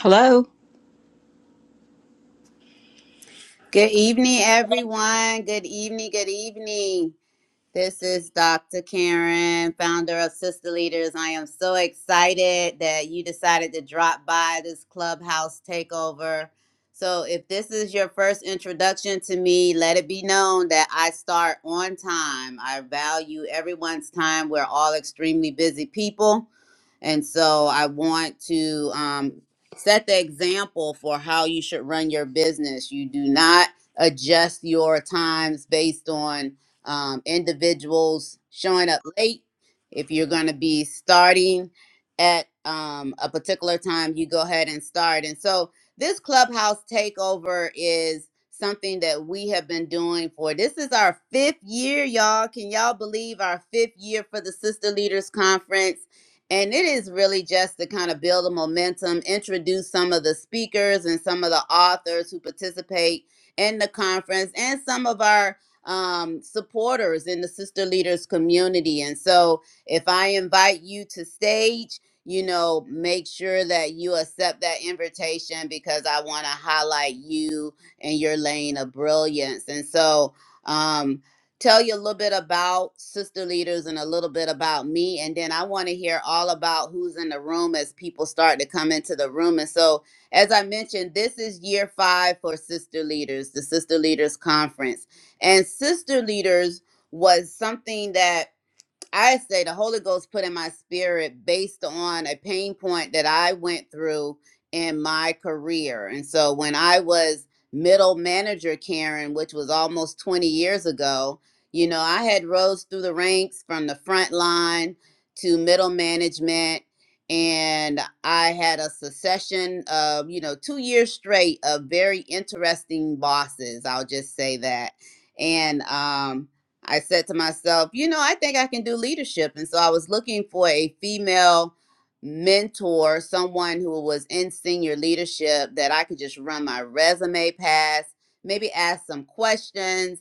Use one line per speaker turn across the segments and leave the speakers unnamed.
Hello,
Good evening, everyone. Good evening. Good evening. This is Dr. Karen, founder of Sister Leaders. I am so excited that you decided to drop by this clubhouse takeover. So, if this is your first introduction to me, let it be known that I start on time. I value everyone's time. We're all extremely busy people. And so, I want to um, set the example for how you should run your business. You do not adjust your times based on um, individuals showing up late. If you're going to be starting at um, a particular time, you go ahead and start. And so this clubhouse takeover is something that we have been doing for this is our fifth year, y'all. Can y'all believe our fifth year for the Sister Leaders Conference? And it is really just to kind of build a momentum, introduce some of the speakers and some of the authors who participate in the conference and some of our um, supporters in the sister leaders community. And so if I invite you to stage, you know, make sure that you accept that invitation because I want to highlight you and your lane of brilliance. And so, um, tell you a little bit about sister leaders and a little bit about me and then i want to hear all about who's in the room as people start to come into the room and so as i mentioned this is year five for sister leaders the sister leaders conference and sister leaders was something that I say the Holy Ghost put in my spirit based on a pain point that I went through in my career. And so when I was middle manager, Karen, which was almost 20 years ago, you know, I had rose through the ranks from the front line to middle management. And I had a succession of, you know, two years straight of very interesting bosses. I'll just say that. And um, I said to myself, you know, I think I can do leadership. And so I was looking for a female mentor, someone who was in senior leadership that I could just run my resume past, maybe ask some questions.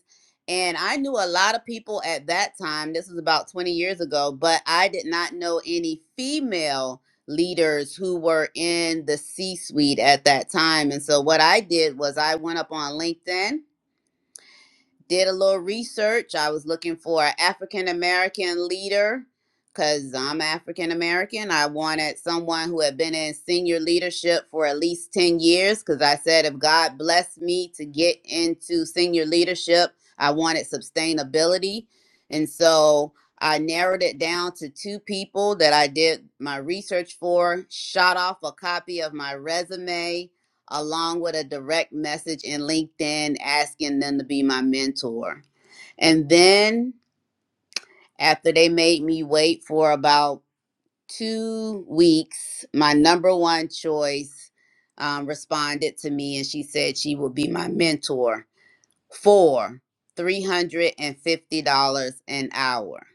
And I knew a lot of people at that time, this was about 20 years ago, but I did not know any female leaders who were in the C suite at that time. And so what I did was I went up on LinkedIn did a little research. I was looking for an African American leader because I'm African American. I wanted someone who had been in senior leadership for at least 10 years because I said if God blessed me to get into senior leadership, I wanted sustainability. And so I narrowed it down to two people that I did my research for, shot off a copy of my resume along with a direct message in LinkedIn asking them to be my mentor. And then after they made me wait for about two weeks, my number one choice um, responded to me and she said she would be my mentor for $350 an hour.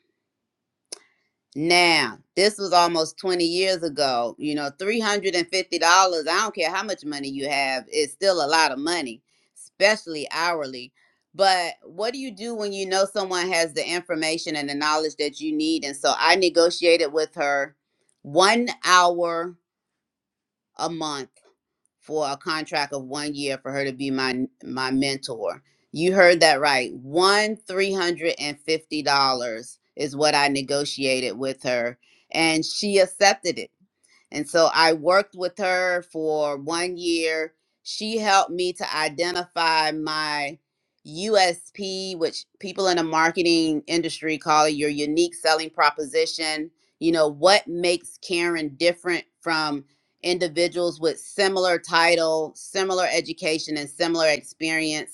Now, this was almost 20 years ago. You know, $350, I don't care how much money you have, it's still a lot of money, especially hourly. But what do you do when you know someone has the information and the knowledge that you need? And so I negotiated with her one hour a month for a contract of one year for her to be my my mentor. You heard that right. One three hundred and fifty dollars is what I negotiated with her, and she accepted it. And so I worked with her for one year. She helped me to identify my USP, which people in the marketing industry call it your unique selling proposition. You know, what makes Karen different from individuals with similar title, similar education, and similar experience?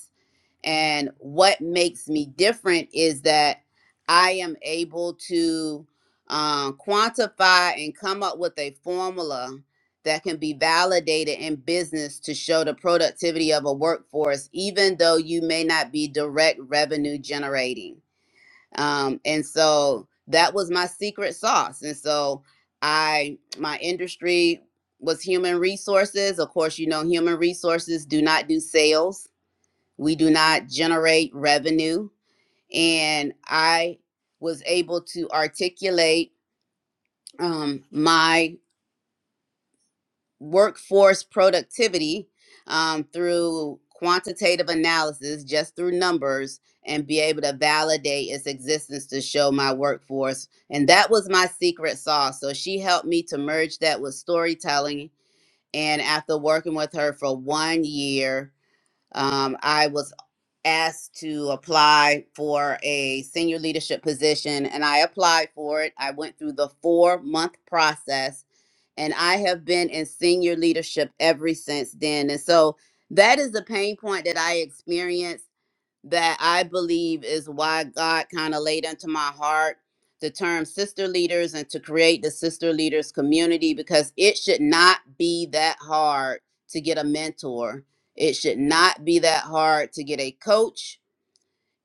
And what makes me different is that I am able to um, quantify and come up with a formula that can be validated in business to show the productivity of a workforce, even though you may not be direct revenue generating. Um, and so that was my secret sauce. And so I, my industry was human resources. Of course, you know, human resources do not do sales. We do not generate revenue. And I was able to articulate um, my workforce productivity um, through quantitative analysis, just through numbers, and be able to validate its existence to show my workforce. And that was my secret sauce. So she helped me to merge that with storytelling. And after working with her for one year, um, I was asked to apply for a senior leadership position and I applied for it. I went through the four month process and I have been in senior leadership ever since then. And so that is the pain point that I experienced that I believe is why God kind of laid into my heart the term sister leaders and to create the sister leaders community because it should not be that hard to get a mentor. It should not be that hard to get a coach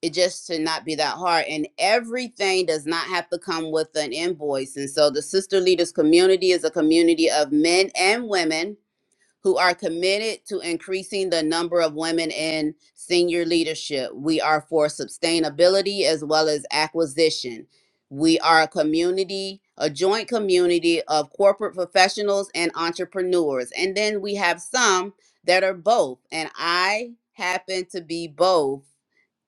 it just should not be that hard and everything does not have to come with an invoice and so the sister leaders community is a community of men and women who are committed to increasing the number of women in senior leadership we are for sustainability as well as acquisition we are a community a joint community of corporate professionals and entrepreneurs and then we have some that are both and i happen to be both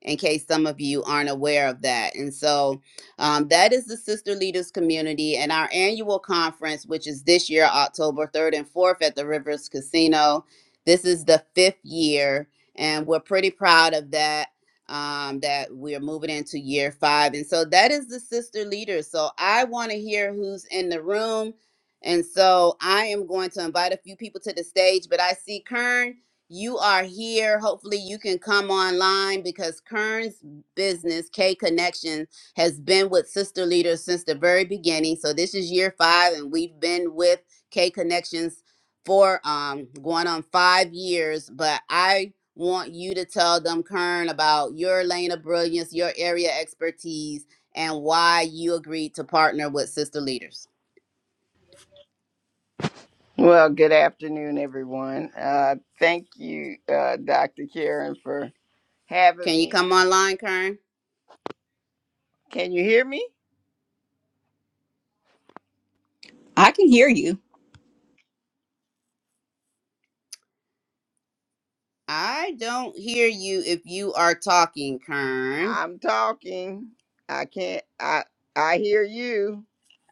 in case some of you aren't aware of that. And so um, that is the Sister Leaders Community and our annual conference, which is this year, October 3rd and 4th at the Rivers Casino. This is the fifth year, and we're pretty proud of that. Um, that we are moving into year five. And so that is the sister leaders. So I want to hear who's in the room. And so I am going to invite a few people to the stage, but I see Kern you are here. Hopefully, you can come online because Kern's business, K Connection, has been with Sister Leaders since the very beginning. So this is year five, and we've been with K Connections for um, going on five years. But I want you to tell them, Kern, about your lane of brilliance, your area expertise, and why you agreed to partner with Sister Leaders.
Well, good afternoon, everyone. Uh, thank you, uh, Dr. Karen, for having
Can you
me.
come
here.
online, Kern?
Can you hear me?
I can hear you.
I don't hear you if you are talking, Kern.
I'm talking. I can't. I I hear you.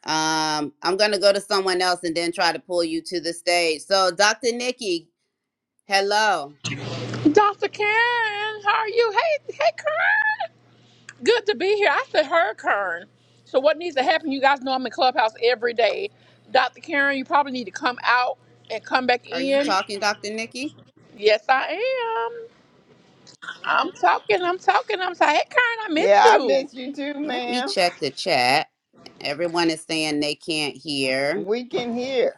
Um, I'm gonna go to someone else and then try to pull you to the stage. So, Dr. Nikki, hello.
Dr. Karen, how are you? Hey, hey, Karen. Good to be here. I said her, Karen. So what needs to happen? You guys know I'm in Clubhouse every day. Dr. Karen, you probably need to come out and come back
Are you
in.
talking, Dr. Nikki?
Yes, I am. I'm talking, I'm talking, I'm saying, hey, Karen, I
Yeah,
miss
I
you.
miss you too,
Let me
ma'am.
check the chat. Everyone is saying they can't hear.
We can hear.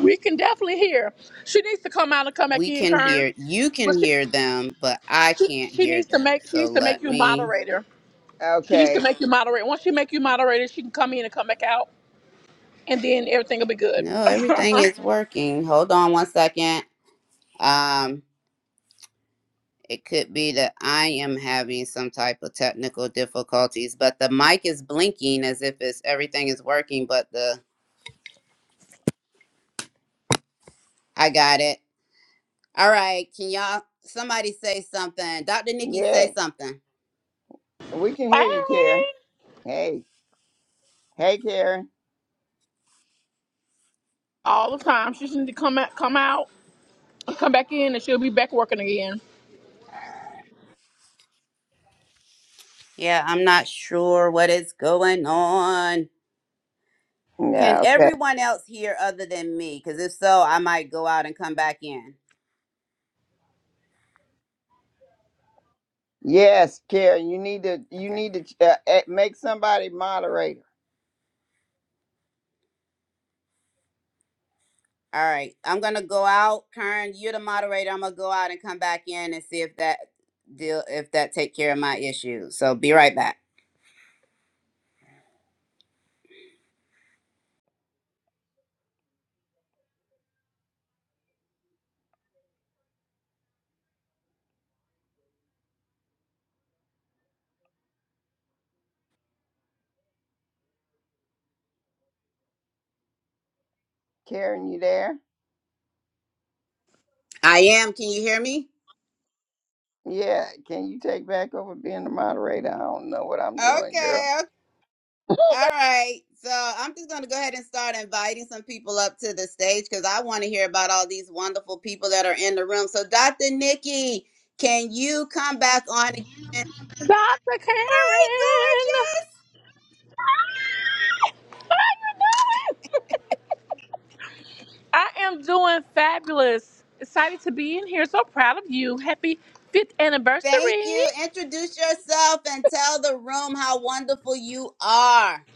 We can definitely hear. She needs to come out and come back
We
in,
can
Karen.
hear, you can
But she,
hear them, but I
she,
can't
she
hear
needs to
them.
make she
So
needs to make
let
you
me
moderator. She needs to
Okay.
make you moderator. Once she make you moderator, she can come in and come back out, and then everything will be good.
no, everything is working. Hold on one second. Um, it could be that I am having some type of technical difficulties, but the mic is blinking as if it's everything is working, but the I got it. All right. Can y'all, somebody say something? Dr. Nikki,
Yeah,
say something.
we can
Hey.
hear you, Karen. Hey, hey, Karen.
All the time. She just need to come out, come out, come back in, and she'll be back working again.
Yeah, I'm not sure what is going on. Can
Yeah. Okay.
everyone else hear other than me? Because if so, I might go out and come back in.
Yes, Karen. You need to. You
Okay.
need to uh, eh, make somebody moderator.
All right. I'm going to go out. Karen, you're the moderator. I'm going to go out and come back in and see if that deal, if that take care of my issue. So be right back.
Karen, you there?
I am. Can you hear me?
Yeah, can you take back over being the moderator? I don't know what I'm doing, girl.
Okay. All right. So I'm just going to go ahead and start inviting some people up to the stage because I want to hear about all these wonderful people that are in the room. So, Dr. Nikki, can you come back on again? Hey,
Dr. Karen,
gorgeous.
how you doing? I am doing fabulous. Excited to be in here. So proud of you. Happy fifth
Thank
anniversary.
you. Introduce yourself and tell the room how wonderful you are.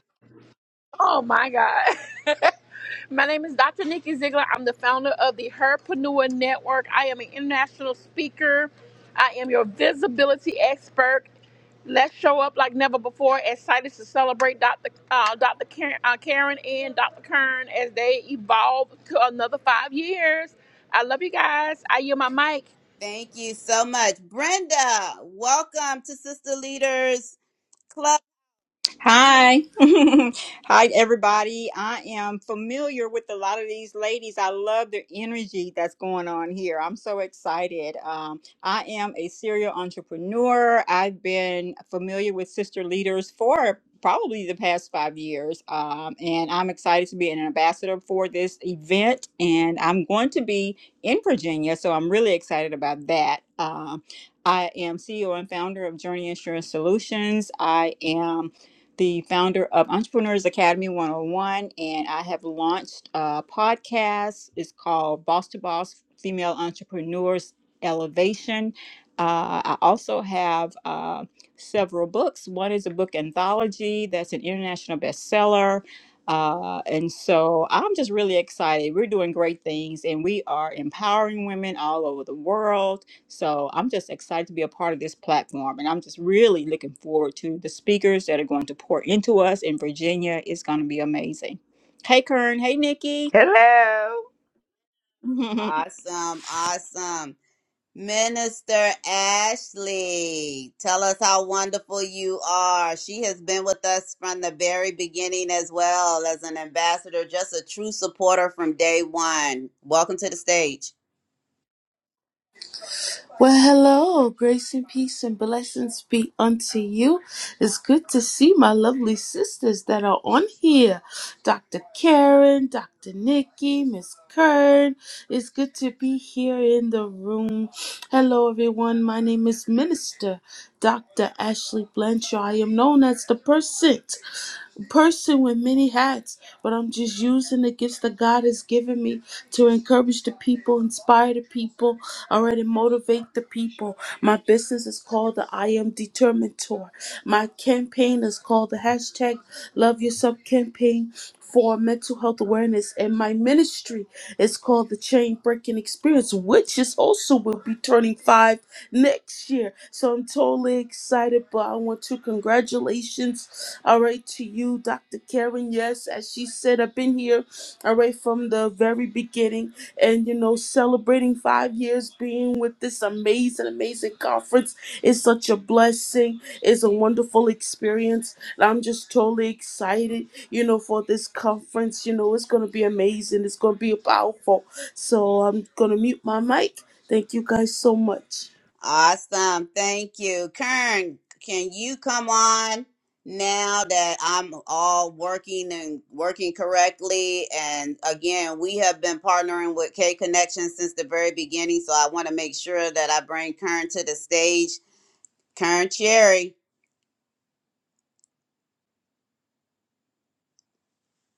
Oh my God. My name is Dr. Nikki Ziegler. I'm the founder of the Herpreneur Network. I am an international speaker. I am your visibility expert. Let's show up like never before. Excited to celebrate Dr. Uh, Dr. Karen, uh, Karen and Dr. Kern as they evolve to another five years. I love you guys. I yield my mic.
Thank you so much. Brenda, welcome to Sister Leaders Club.
Hi. Hi, everybody. I am familiar with a lot of these ladies. I love the energy that's going on here. I'm so excited. Um, I am a serial entrepreneur. I've been familiar with sister leaders for probably the past five years. Um, and I'm excited to be an ambassador for this event. And I'm going to be in Virginia. So I'm really excited about that. Um, I am CEO and founder of Journey Insurance Solutions. I am the founder of Entrepreneurs Academy 101, and I have launched a podcast. It's called Boss to Boss Female Entrepreneurs Elevation. Uh, I also have uh, several books. One is a book anthology that's an international bestseller. Uh, and so I'm just really excited. We're doing great things and we are empowering women all over the world so I'm just excited to be a part of this platform, and I'm just really looking forward to the speakers that are going to pour into us in Virginia. It's going to be amazing. Hey, Kern. Hey, Nikki.
Hello.
Awesome. Awesome. Minister Ashley, tell us how wonderful you are. She has been with us from the very beginning as well as an ambassador, just a true supporter from day one. Welcome to the stage.
Well, hello, grace and peace and blessings be unto you. It's good to see my lovely sisters that are on here Dr. Karen, Dr. Nikki, Miss Kern. It's good to be here in the room. Hello, everyone. My name is Minister Dr. Ashley Blanchard. I am known as the Percent person with many hats, but I'm just using the gifts that God has given me to encourage the people, inspire the people, already motivate the people. My business is called the I Am Determined Tour. My campaign is called the hashtag Love Yourself campaign for mental health awareness. And my ministry is called the Chain Breaking Experience, which is also will be turning five next year. So I'm totally excited, but I want to congratulations, all right, to you, Dr. Karen. Yes, as she said, I've been here, all right, from the very beginning and, you know, celebrating five years being with this amazing, amazing conference is such a blessing. It's a wonderful experience. And I'm just totally excited, you know, for this conference. You know, it's going to be amazing. It's going to be powerful. So I'm going to mute my mic. Thank you guys so much.
Awesome. Thank you. Kern, can you come on now that I'm all working and working correctly? And again, we have been partnering with K Connection since the very beginning. So I want to make sure that I bring Kern to the stage. Kern Cherry,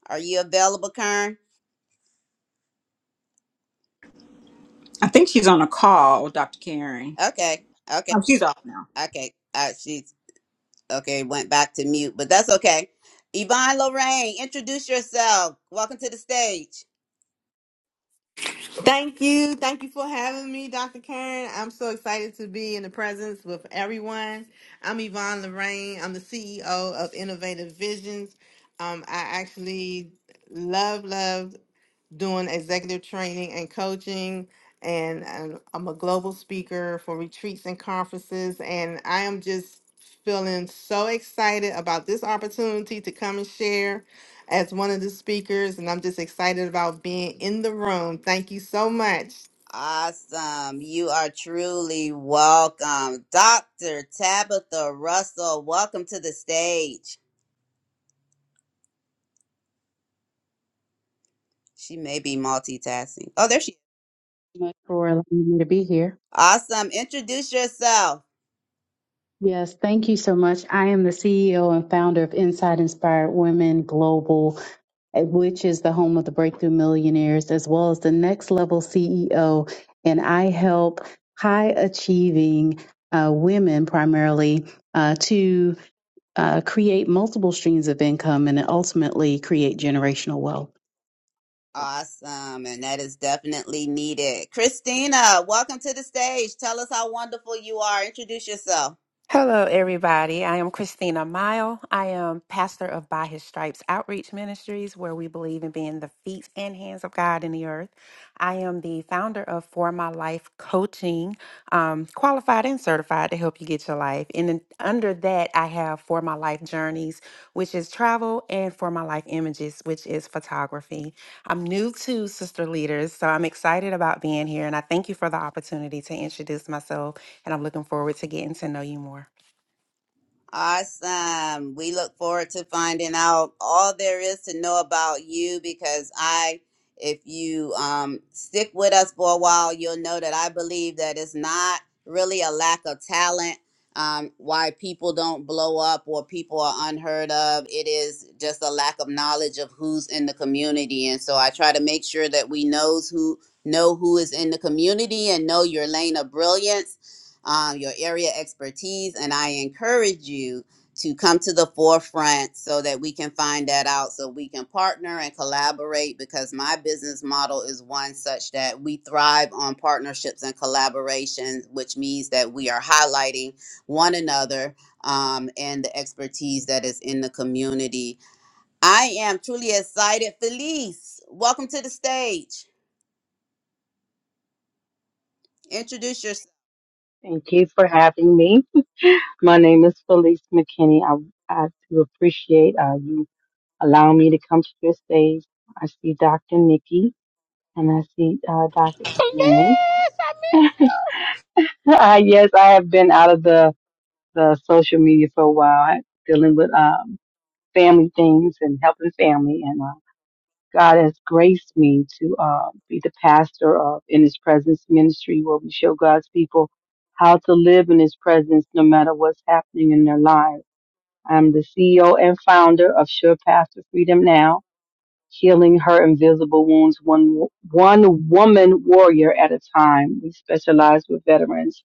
are you available, Kern?
I think she's on a call, Dr. Karen.
Okay. Okay.
Oh, she's off now.
Okay. Uh, she's okay. Went back to mute, but that's okay. Yvonne Lorraine, introduce yourself. Welcome to the stage.
Thank you. Thank you for having me, Dr. Karen. I'm so excited to be in the presence with everyone. I'm Yvonne Lorraine. I'm the CEO of Innovative Visions. Um, I actually love, love doing executive training and coaching. And, and I'm a global speaker for retreats and conferences. And I am just feeling so excited about this opportunity to come and share as one of the speakers. And I'm just excited about being in the room. Thank you so much.
Awesome. You are truly welcome. Dr. Tabitha Russell, welcome to the stage. She may be multitasking. Oh, there she is.
much for allowing me to be here.
Awesome. Introduce yourself.
Yes, thank you so much. I am the CEO and founder of Inside Inspired Women Global, eh, which is the home of the Breakthrough Millionaires, as well as the Next Level CEO. And I help high achieving uh, women primarily uh, to uh, create multiple streams of income and ultimately create generational wealth.
Awesome. And that is definitely needed. Christina, welcome to the stage. Tell us how wonderful you are. Introduce yourself.
Hello, everybody. I am Christina Mile. I am pastor of By His Stripes Outreach Ministries, where we believe in being the feet and hands of God in the earth. I am the founder of For My Life Coaching, um, qualified and certified to help you get your life. And then under that, I have For My Life Journeys, which is travel, and For My Life Images, which is photography. I'm new to Sister Leaders, so I'm excited about being here, and I thank you for the opportunity to introduce myself and I'm looking forward to getting to know you more.
Awesome. We look forward to finding out all there is to know about you because I, if you um, stick with us for a while, you'll know that I believe that it's not really a lack of talent um, why people don't blow up or people are unheard of. It is just a lack of knowledge of who's in the community. And so I try to make sure that we knows who know who is in the community and know your lane of brilliance um, your area expertise, and I encourage you to come to the forefront so that we can find that out, so we can partner and collaborate. Because my business model is one such that we thrive on partnerships and collaborations, which means that we are highlighting one another um, and the expertise that is in the community. I am truly excited. Felice, welcome to the stage. Introduce yourself.
Thank you for having me. My name is Felice McKinney. I, I do appreciate uh, you allowing me to come to your stage. I see Dr. Nikki and I see uh, Dr.
Please,
Karen.
I miss
Uh, yes, I have been out of the, the social media for a while, dealing with um, family things and helping family. And uh, God has graced me to uh, be the pastor of In His Presence Ministry, where we show God's people how to live in His presence no matter what's happening in their lives I'm the CEO and founder of Sure Path to Freedom Now, healing her invisible wounds one, one woman warrior at a time. We specialize with veterans,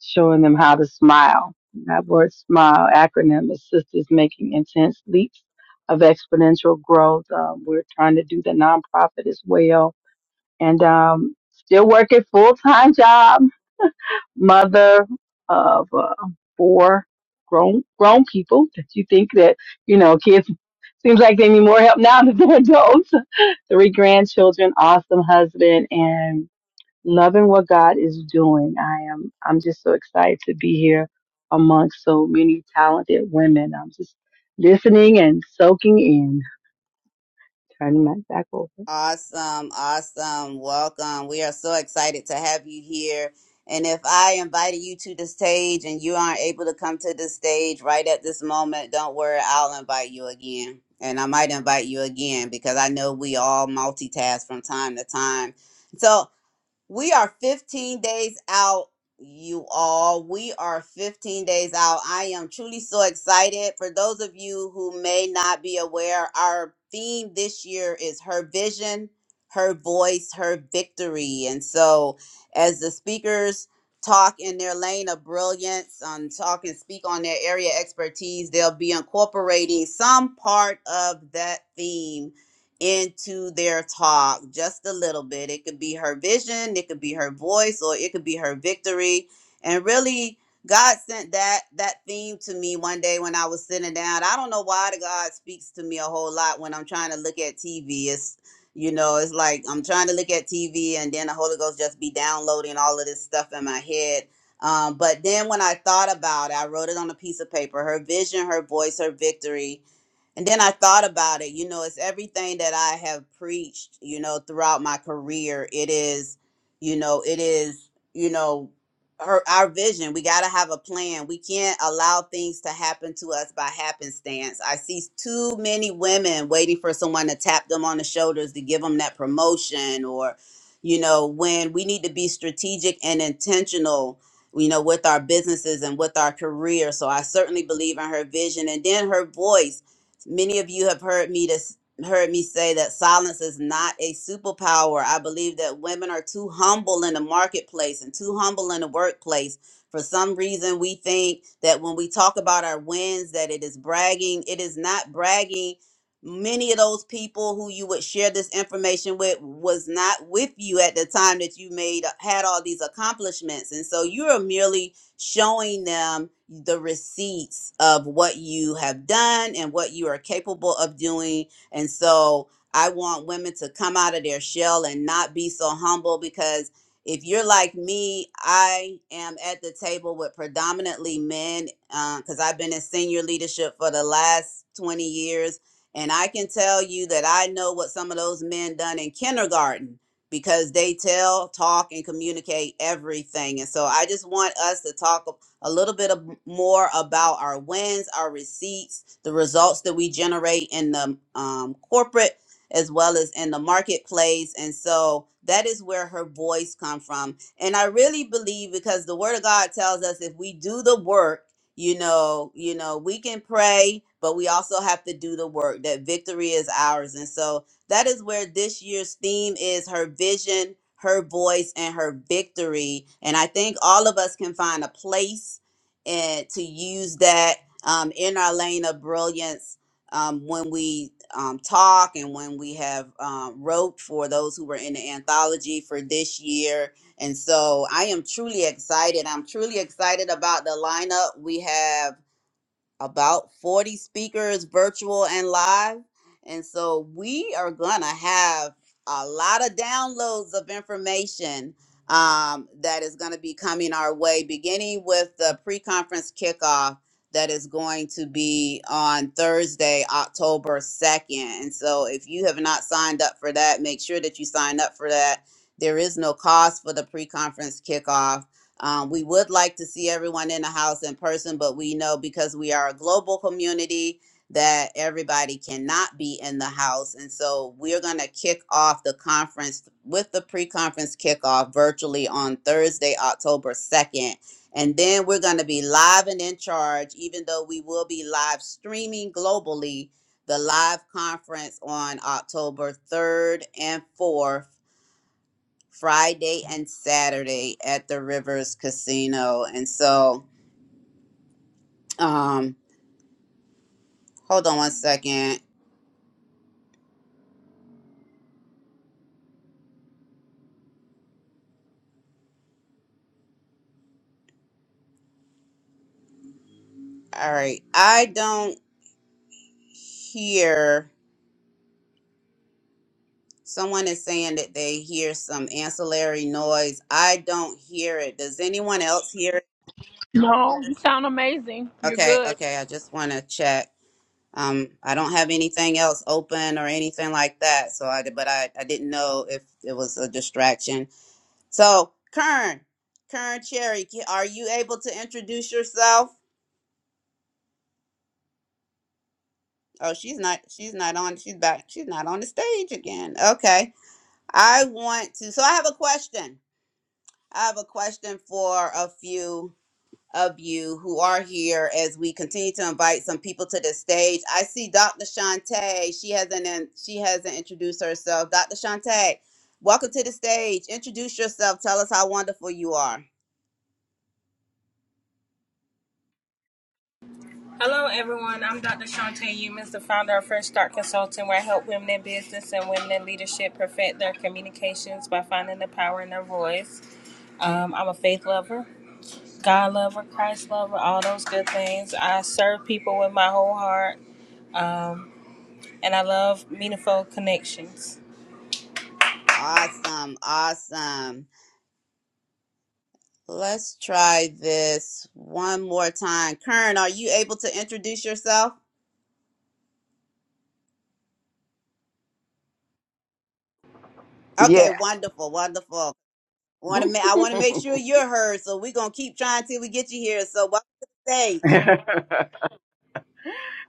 showing them how to smile. That word smile acronym is Sisters Making Intense Leaps of Exponential Growth. Um, we're trying to do the nonprofit as well. And um, still working full time job mother of uh, four grown grown people that you think that you know kids seems like they need more help now than they're adults three grandchildren awesome husband and loving what god is doing i am i'm just so excited to be here amongst so many talented women i'm just listening and soaking in turning my back over
Awesome, awesome. Welcome. We are so excited to have you here. And if I invited you to the stage and you aren't able to come to the stage right at this moment, don't worry, I'll invite you again. And I might invite you again because I know we all multitask from time to time. So we are 15 days out, you all. We are 15 days out. I am truly so excited. For those of you who may not be aware, our theme this year is her vision, her voice, her victory. And so, as the speakers talk in their lane of brilliance, um, talk and speak on their area expertise, they'll be incorporating some part of that theme into their talk just a little bit. It could be her vision, it could be her voice, or it could be her victory. And really, God sent that that theme to me one day when I was sitting down. I don't know why the God speaks to me a whole lot when I'm trying to look at TV. It's you know, it's like I'm trying to look at TV and then the Holy Ghost just be downloading all of this stuff in my head. Um, but then when I thought about it, I wrote it on a piece of paper. Her vision, her voice, her victory and then I thought about it, you know, it's everything that I have preached, you know, throughout my career. It is, you know, it is, you know, her, our vision. We got to have a plan. We can't allow things to happen to us by happenstance. I see too many women waiting for someone to tap them on the shoulders to give them that promotion or, you know, when we need to be strategic and intentional you know, with our businesses and with our career. So I certainly believe in her vision and then her voice. Many of you have heard me to, heard me say that silence is not a superpower. I believe that women are too humble in the marketplace and too humble in the workplace. For some reason, we think that when we talk about our wins, that it is bragging. It is not bragging. Many of those people who you would share this information with was not with you at the time that you made uh, had all these accomplishments, and so you are merely showing them the receipts of what you have done and what you are capable of doing. And so I want women to come out of their shell and not be so humble because if you're like me, I am at the table with predominantly men because I've been in senior leadership for the last 20 years. And I can tell you that I know what some of those men done in kindergarten because they tell, talk, and communicate everything. And so I just want us to talk a little bit of more about our wins, our receipts, the results that we generate in the um, corporate as well as in the marketplace. And so that is where her voice come from. And I really believe because the word of God tells us if we do the work, you know, you know, we can pray, but we also have to do the work that victory is ours. And so that is where this year's theme is her vision, her voice, and her victory. And I think all of us can find a place and to use that um, in our lane of brilliance um, when we um, talk and when we have um, wrote for those who were in the anthology for this year. And so I am truly excited. I'm truly excited about the lineup we have about 40 speakers virtual and live and so we are gonna have a lot of downloads of information um, that is going to be coming our way beginning with the pre-conference kickoff that is going to be on thursday october 2nd and so if you have not signed up for that make sure that you sign up for that there is no cost for the pre-conference kickoff um, we would like to see everyone in the house in person, but we know because we are a global community that everybody cannot be in the house. And so we're going to kick off the conference with the pre conference kickoff virtually on Thursday, October 2nd. And then we're going to be live and in charge, even though we will be live streaming globally the live conference on October 3rd and 4th Friday and Saturday at the Rivers Casino. And so, um, hold on one second. All right. I don't hear someone is saying that they hear some ancillary noise. I don't hear it. Does anyone else hear it?
you. No, you sound amazing. You're
Okay,
good.
okay. I just want to check. Um, I don't have anything else open or anything like that. So I, but I, I didn't know if it was a distraction. So, Kern, Kern Cherry, ca- are you able to introduce yourself? Oh, she's not. She's not on. She's back. She's not on the stage again. Okay. I want to. So, I have a question. I have a question for a few of you who are here as we continue to invite some people to the stage. I see Dr. Shantae. She hasn't. in- She hasn't introduced herself. Dr. Shantae, welcome to the stage. Introduce yourself. Tell us how wonderful you are.
Hello, everyone. I'm Dr. Shantae Humans, the founder of Fresh Start Consulting, where I help women in business and women in leadership perfect their communications by finding the power in their voice. Um, I'm a faith lover, God lover, Christ lover, all those good things. I serve people with my whole heart, and I love meaningful connections.
Awesome. Awesome. Let's try this one more time. Kern, are you able to introduce yourself? Okay,
Yes.
wonderful, wonderful. Want to? Ma- I want to make
oh,
sure you're heard, so we're gonna keep trying till we get you here. So welcome to the stage.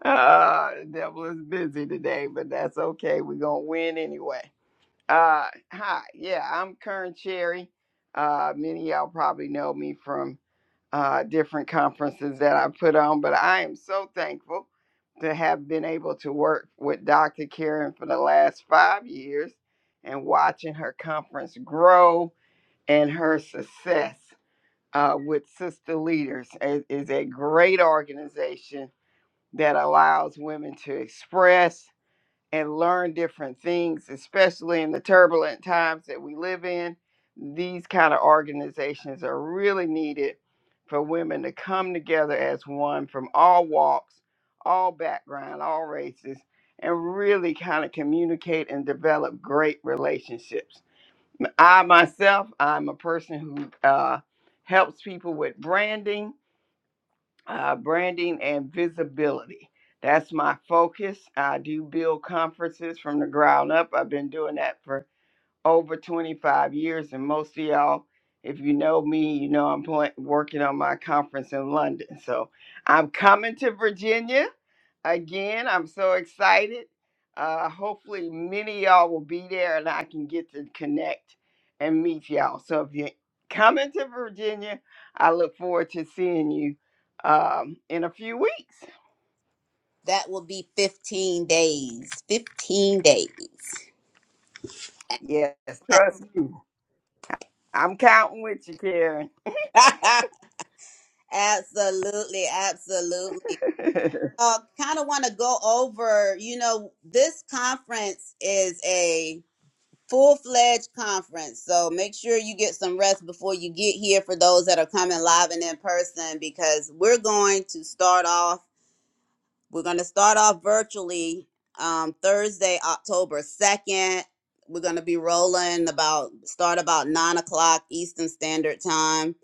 the devil is busy today, but that's okay. We're gonna win anyway. Uh hi, yeah, I'm Kern Cherry. Uh many of y'all probably know me from. uh, different conferences that I put on, but I am so thankful to have been able to work with Dr. Karen for the last five years and watching her conference grow and her success uh, with Sister Leaders is, is a great organization that allows women to express and learn different things, especially in the turbulent times that we live in. These kind of organizations are really needed for women to come together as one from all walks, all background, all races, and really kind of communicate and develop great relationships. I myself, I'm a person who uh, helps people with branding uh, branding and visibility. That's my focus. I do build conferences from the ground up. I've been doing that for over 25 years, and most of y'all, if you know me, you know I'm pla- working on my conference in London. So I'm coming to Virginia again. I'm so excited. Uh, hopefully, many of y'all will be there and I can get to connect and meet y'all. So, if you're coming to Virginia, I look forward to seeing you um, in a few weeks.
That will be 15 days. 15 days.
Yes, trust you. I'm counting with you, Karen.
absolutely, absolutely. Uh, kind of want to go over. You know, this conference is a full fledged conference. So make sure you get some rest before you get here for those that are coming live and in person because we're going to start off. We're going to start off virtually um, Thursday, October 2nd. We're going to be rolling about, start about nine o'clock Eastern Standard Time.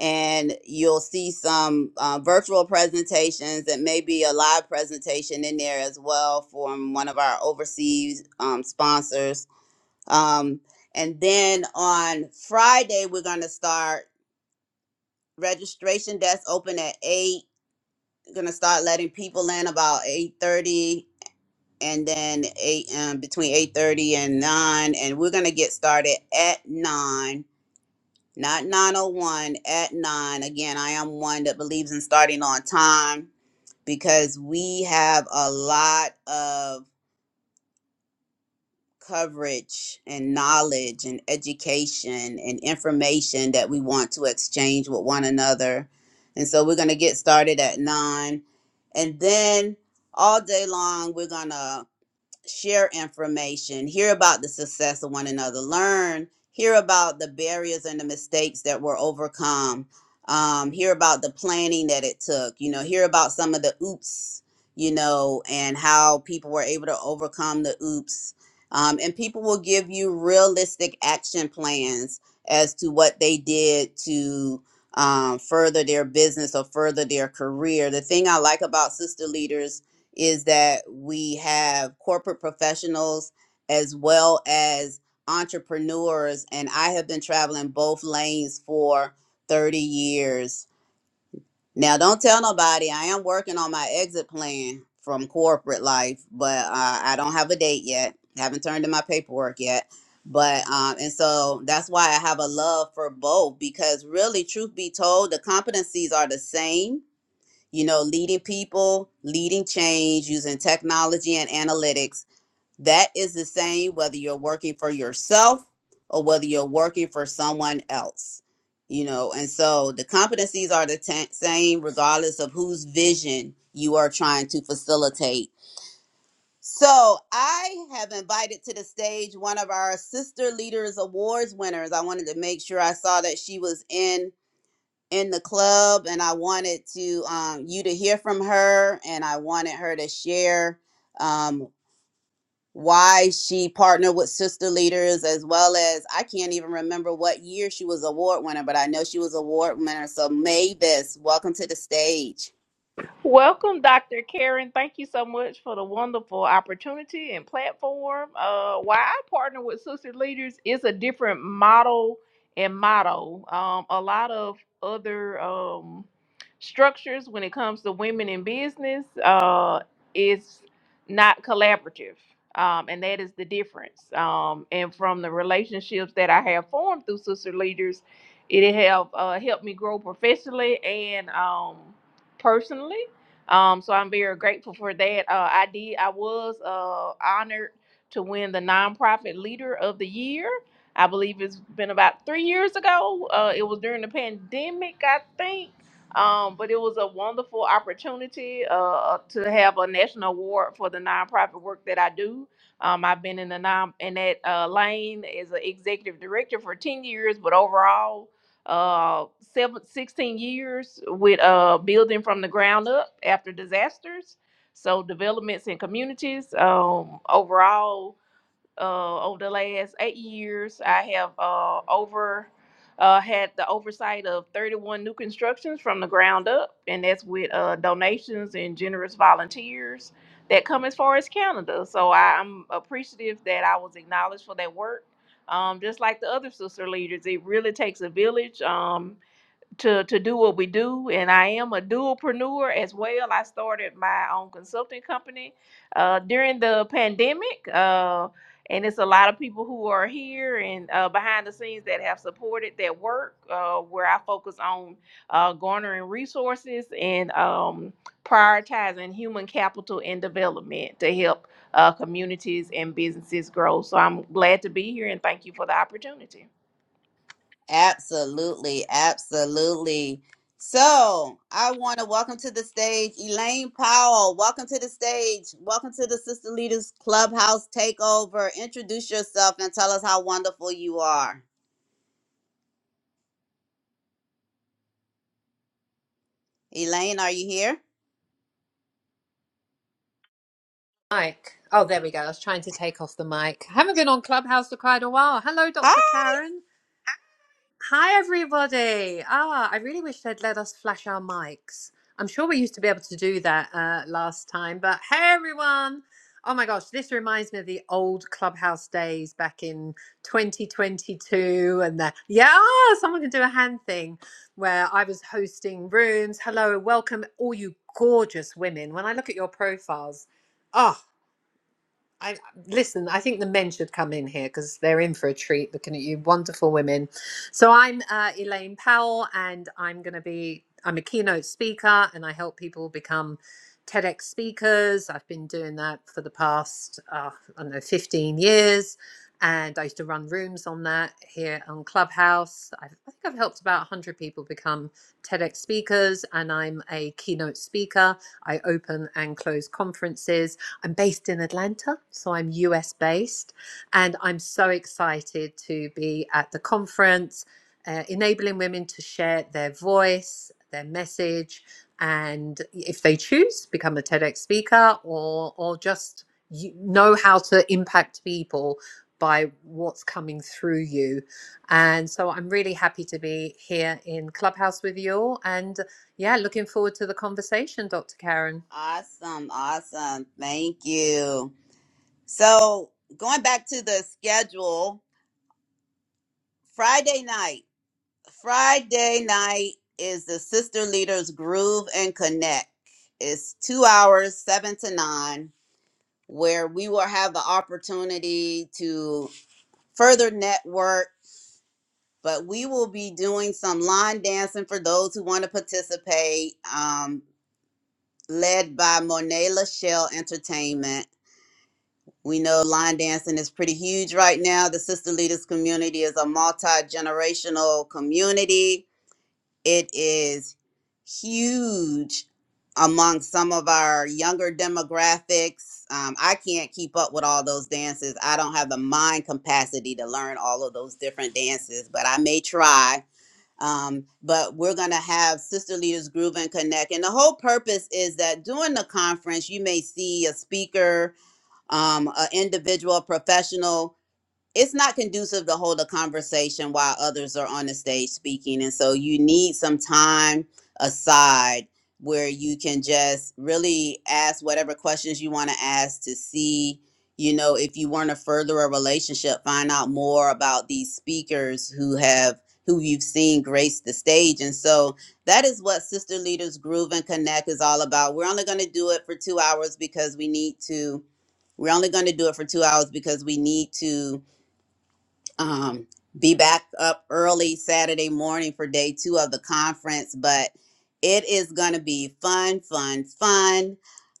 And you'll see some uh, virtual presentations and maybe a live presentation in there as well from one of our overseas um, sponsors um, and then on Friday, we're going to start registration desk open at 8. Going to start letting people in about 8.30 and then 8 um, between 8.30 and 9. And we're going to get started at 9, not 9.01, at 9. Again, I am one that believes in starting on time because we have a lot of coverage and knowledge and education and information that we want to exchange with one another. And so we're going to get started at nine. And then all day long, we're going to share information, hear about the success of one another, learn, hear about the barriers and the mistakes that were overcome, um, hear about the planning that it took, you know, hear about some of the oops, you know, and how people were able to overcome the oops. Um, and people will give you realistic action plans as to what they did to um, further their business or further their career. The thing I like about sister leaders is that we have corporate professionals as well as entrepreneurs and I have been traveling both lanes for 30 years. Now don't tell nobody I am working on my exit plan from corporate life, but uh, I don't have a date yet. Haven't turned in my paperwork yet. But um and so that's why I have a love for both because really truth be told the competencies are the same you know, leading people, leading change using technology and analytics. That is the same whether you're working for yourself or whether you're working for someone else, you know. And so the competencies are the ta- same regardless of whose vision you are trying to facilitate. So I have invited to the stage one of our Sister Leaders Awards winners. I wanted to make sure I saw that she was in in the club and I wanted to um, you to hear from her and I wanted her to share um, why she partnered with sister leaders as well as I can't even remember what year she was award winner, but I know she was award winner. So Mavis, welcome to the stage.
Welcome, Dr. Karen. Thank you so much for the wonderful opportunity and platform. Uh, why I partner with Sister Leaders is a different model and motto. Um, a lot of other um, structures when it comes to women in business uh, is not collaborative. Um, and that is the difference. Um, and from the relationships that I have formed through Sister Leaders, it have uh, helped me grow professionally and um, personally um, so I'm very grateful for that. Uh, I did. I was uh, honored to win the nonprofit leader of the year. I believe it's been about three years ago. Uh, it was during the pandemic, I think. Um, but it was a wonderful opportunity uh, uh, to have a national award for the nonprofit work that I do. Um, I've been in the non in that uh, lane as an executive director for ten years, but overall uh seven, sixteen years with uh building from the ground up after disasters so developments in communities um overall uh, over the last eight years, I have uh, over uh, had the oversight of 31 new constructions from the ground up, and that's with uh, donations and generous volunteers that come as far as Canada. So I, I'm appreciative that I was acknowledged for that work. Um, just like the other sister leaders, it really takes a village. Um, to to do what we do and i am a dualpreneur as well i started my own consulting company uh, during the pandemic uh, and it's a lot of people who are here and uh, behind the scenes that have supported that work uh, where i focus on uh, garnering resources and um, prioritizing human capital and development to help uh, communities and businesses grow so i'm glad to be here and thank you for the opportunity
Absolutely, absolutely. So I want to welcome to the stage Elaine Powell. Welcome to the stage. Welcome to the Sister Leaders Clubhouse Takeover. Introduce yourself and tell us how wonderful you are. Elaine, are you here?
mic. Oh, there we go. I was trying to take off the mic. Haven't been on Clubhouse for quite a while. Hello,
Hi.
Dr. Karen. Hi, everybody. Ah, I really wish they'd let us flash our mics. I'm sure we used to be able to do that uh, last time, but hey, everyone. Oh my gosh, this reminds me of the old Clubhouse days back in 2022. And the, yeah, someone can do a hand thing where I was hosting rooms. Hello, welcome, all you gorgeous women. When I look at your profiles, oh, I listen. I think the men should come in here because they're in for a treat looking at you, wonderful women. So I'm uh, Elaine Powell, and I'm going to be. I'm a keynote speaker, and I help people become TEDx speakers. I've been doing that for the past uh, I don't know 15 years, and I used to run rooms on that here on Clubhouse. i I think I've helped about 100 people become TEDx speakers, and I'm a keynote speaker. I open and close conferences I'm based in Atlanta, so I'm US based, and I'm so excited to be at the conference, uh, enabling women to share their voice, their message, and if they choose, become a TEDx speaker or or just you know how to impact people by what's coming through you. And so I'm really happy to be here in Clubhouse with you all. And yeah, looking forward to the conversation, Dr. Karen.
Awesome, awesome. Thank you. So going back to the schedule, Friday night. Friday night is the Sister Leaders Groove and Connect. It's two hours, seven to nine, where we will have the opportunity to further network. But we will be doing some line dancing for those who want to participate, um, led by Monet Lachelle Entertainment. We know line dancing is pretty huge right now. The Sister Leaders community is a multi generational community it is huge among some of our younger demographics. Um, I can't keep up with all those dances. I don't have the mind capacity to learn all of those different dances, but I may try. Um, but we're going to have Sister Leaders Groove and Connect. And the whole purpose is that during the conference, you may see a speaker, um, an individual, professional it's not conducive to hold a conversation while others are on the stage speaking and so you need some time aside where you can just really ask whatever questions you want to ask to see you know if you want to further a relationship find out more about these speakers who have who you've seen grace the stage and so that is what sister leaders groove and connect is all about we're only going to do it for two hours because we need to we're only going to do it for two hours because we need to um, be back up early Saturday morning for day two of the conference, but it is going to be fun, fun, fun.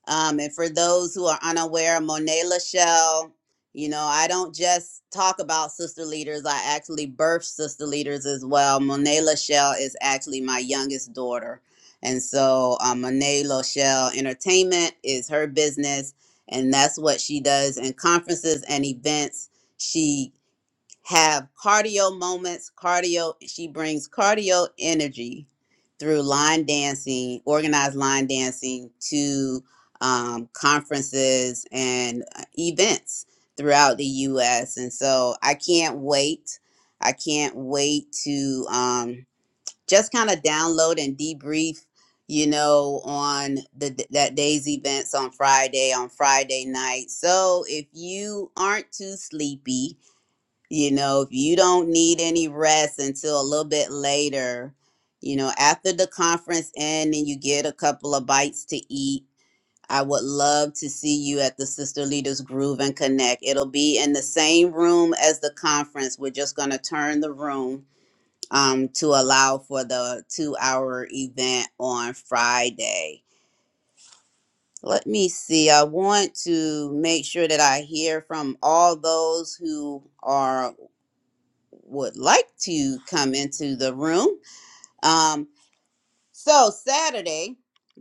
Um, and for those who are unaware, Monet Lachelle, you know, I don't just talk about sister leaders, I actually birth sister leaders as well. Monet Lachelle is actually my youngest daughter. And so um, Monet Lachelle Entertainment is her business, and that's what she does in conferences and events. She have cardio moments, cardio. She brings cardio energy through line dancing, organized line dancing to um, conferences and uh, events throughout the U.S. And so I can't wait. I can't wait to um, just kind of download and debrief, you know, on the that day's events on Friday on Friday night. So if you aren't too sleepy you know, if you don't need any rest until a little bit later, you know, after the conference end and you get a couple of bites to eat, I would love to see you at the Sister Leaders Groove and Connect. It'll be in the same room as the conference. We're just going to turn the room um, to allow for the two hour event on Friday. Let me see. I want to make sure that I hear from all those who are would like to come into the room. Um, so Saturday,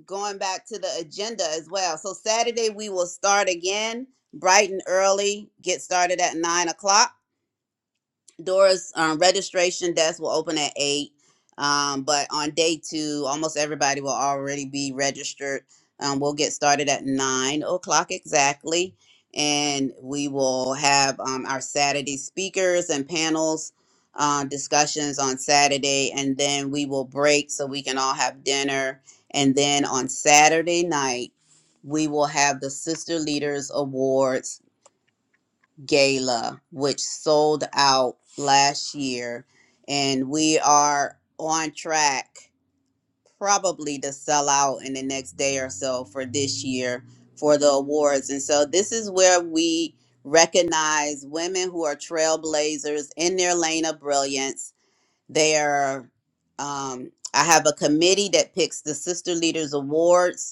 going back to the agenda as well. So Saturday we will start again bright and early, get started at nine o'clock Dora's um, registration desk will open at eight, um, but on day two, almost everybody will already be registered. Um, we'll get started at nine o'clock exactly, and we will have um, our Saturday speakers and panels uh, discussions on Saturday, and then we will break so we can all have dinner. And then on Saturday night, we will have the Sister Leaders Awards gala, which sold out last year, and we are on track probably to sell out in the next day or so for this year for the awards. And so this is where we recognize women who are trailblazers in their lane of brilliance. They are um, I have a committee that picks the Sister Leaders Awards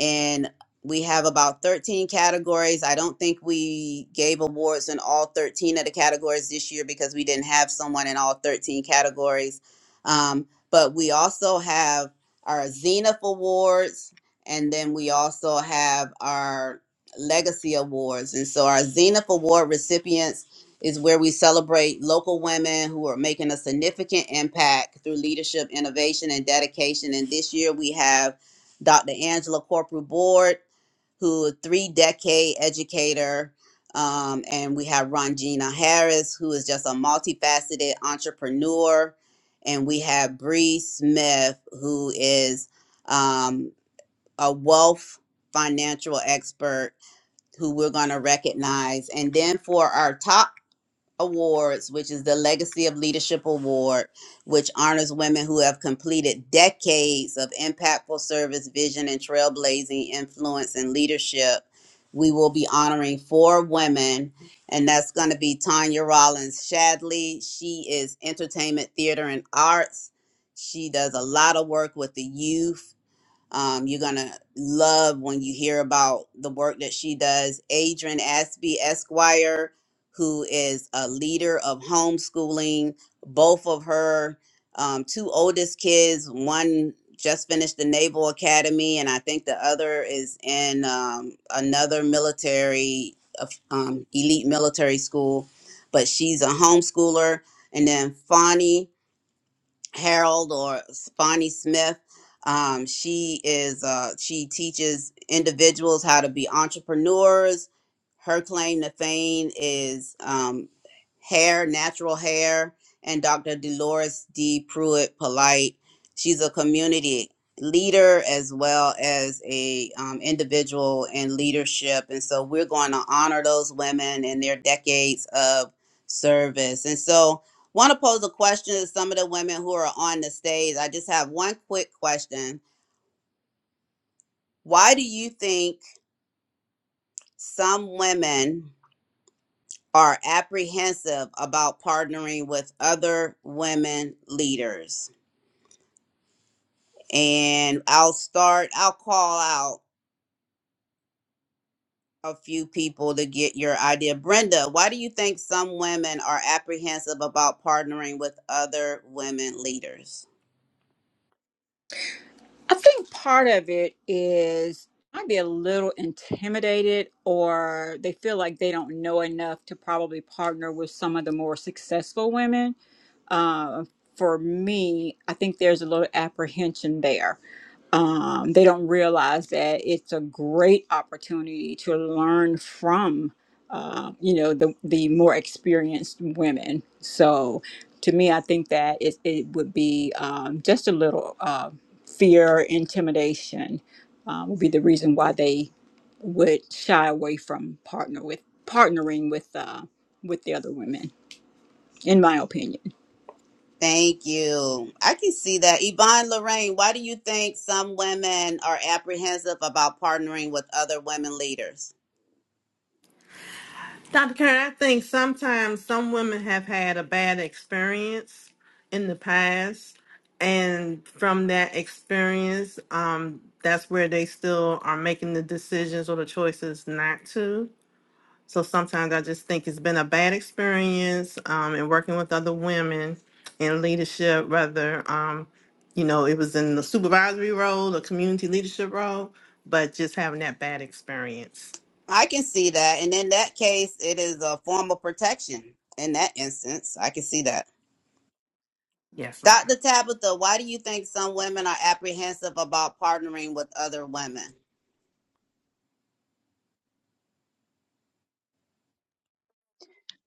and we have about 13 categories. I don't think we gave awards in all 13 of the categories this year because we didn't have someone in all 13 categories. Um, but we also have our Zenith Awards, and then we also have our Legacy Awards. And so our Zenith Award recipients is where we celebrate local women who are making a significant impact through leadership, innovation, and dedication. And this year we have Dr. Angela Corporal Board, who is a three decade educator. Um, and we have Ronjina Harris, who is just a multifaceted entrepreneur. And we have Bree Smith, who is um, a wealth financial expert who we're going to recognize. And then for our top Awards, which is the Legacy of Leadership Award, which honors women who have completed decades of impactful service, vision, and trailblazing influence and leadership. We will be honoring four women, and that's going to be Tanya Rollins Shadley. She is entertainment, theater, and arts. She does a lot of work with the youth um, you're gonna love when you hear about the work that she does. Adrian Aspie Esquire, who is a leader of homeschooling, both of her um, two oldest kids, one just finished the Naval Academy, and I think the other is in um, another military, uh, um, elite military school. But she's a homeschooler. And then Fani. Harold or Bonnie Smith. Um, she is uh, she teaches individuals how to be entrepreneurs. Her claim to fame is um, hair, natural hair, and Dr. Dolores D. Pruitt Polite. She's a community leader as well as a um, individual in leadership, and so we're going to honor those women and their decades of service. And so Want to pose a question to some of the women who are on the stage? I just have one quick question. Why do you think some women are apprehensive about partnering with other women leaders? And I'll start. I'll call out a few people to get your idea. Brenda, why do you think some women are apprehensive about partnering with other women leaders?
I think part of it is might be a little intimidated or they feel like they don't know enough to probably partner with some of the more successful women. Uh, for me, I think there's a little apprehension there. Um, they don't realize that it's a great opportunity to learn from, uh, you know, the the more experienced women. So, to me, I think that it, it would be um, just a little. Um, fear, intimidation um, would be the reason why they would shy away from partner with partnering with uh, with the other women, in my opinion.
Thank you. I can see that. Yvonne Lorraine, why do you think some women are apprehensive about partnering with other women leaders?
Dr. Karen, I think sometimes some women have had a bad experience in the past, and from that experience, um, that's where they still are making the decisions or the choices not to. So sometimes I just think it's been a bad experience um, in working with other women in leadership, whether um, you know it was in the supervisory role, the community leadership role, but just having that bad experience.
I can see that. And in that case, it is a form of protection. In that instance, I can see that.
Yes, ma'am.
Dr. Tabitha, why do you think some women are apprehensive about partnering with other women?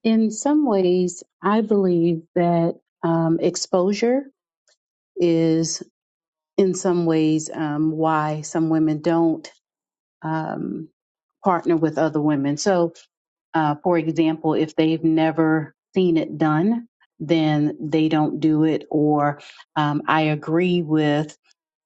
In some ways, I believe that um, exposure is in some ways um, why some women don't um, partner with other women. So, uh, for example, if they've never seen it done, then they don't do it. Or um, I agree with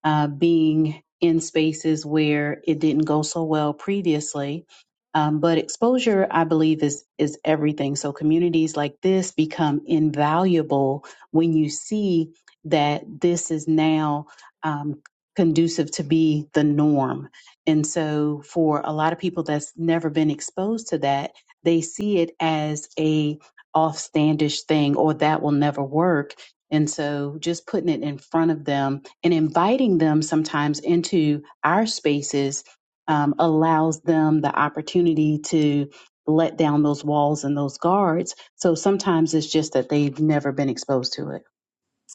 uh, being in spaces where it didn't go so well previously. Um, but exposure, I believe, is is everything. So communities like this become invaluable when you see that this is now um, conducive to be the norm. And so, for a lot of people that's never been exposed to that, they see it as a offstandish thing, or that will never work. And so, just putting it in front of them and inviting them sometimes into our spaces um, allows them the opportunity to let down those walls and those guards. So sometimes it's just that they've never been exposed to it.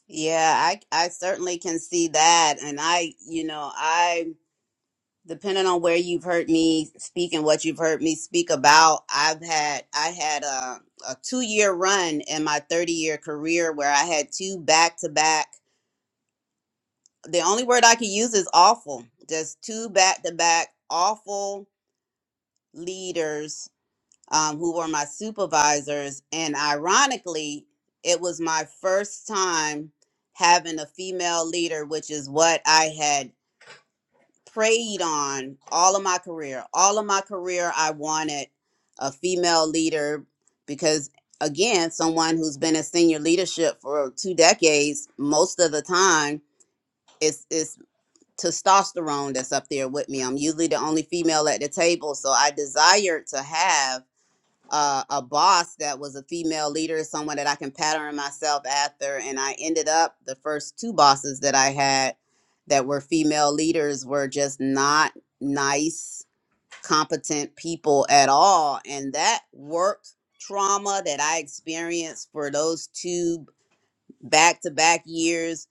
Yeah, I I certainly can see that. And I, you know, I depending on where you've heard me speak and what you've heard me speak about, I've had I had a, a two year run in my 30 year career where I had two back to back. The only word I could use is awful. Just two back to back awful leaders um, who were my supervisors, and ironically, it was my first time having a female leader, which is what I had. preyed on all of my career. All of my career, I wanted a female leader because, again, someone who's been in senior leadership for two decades, most of the time, it's, it's testosterone that's up there with me. I'm usually the only female at the table. So I desired to have uh, a boss that was a female leader, someone that I can pattern myself after. And I ended up the first two bosses that I had that were female leaders were just not nice, competent people at all. And that work trauma that I experienced for those two back to back years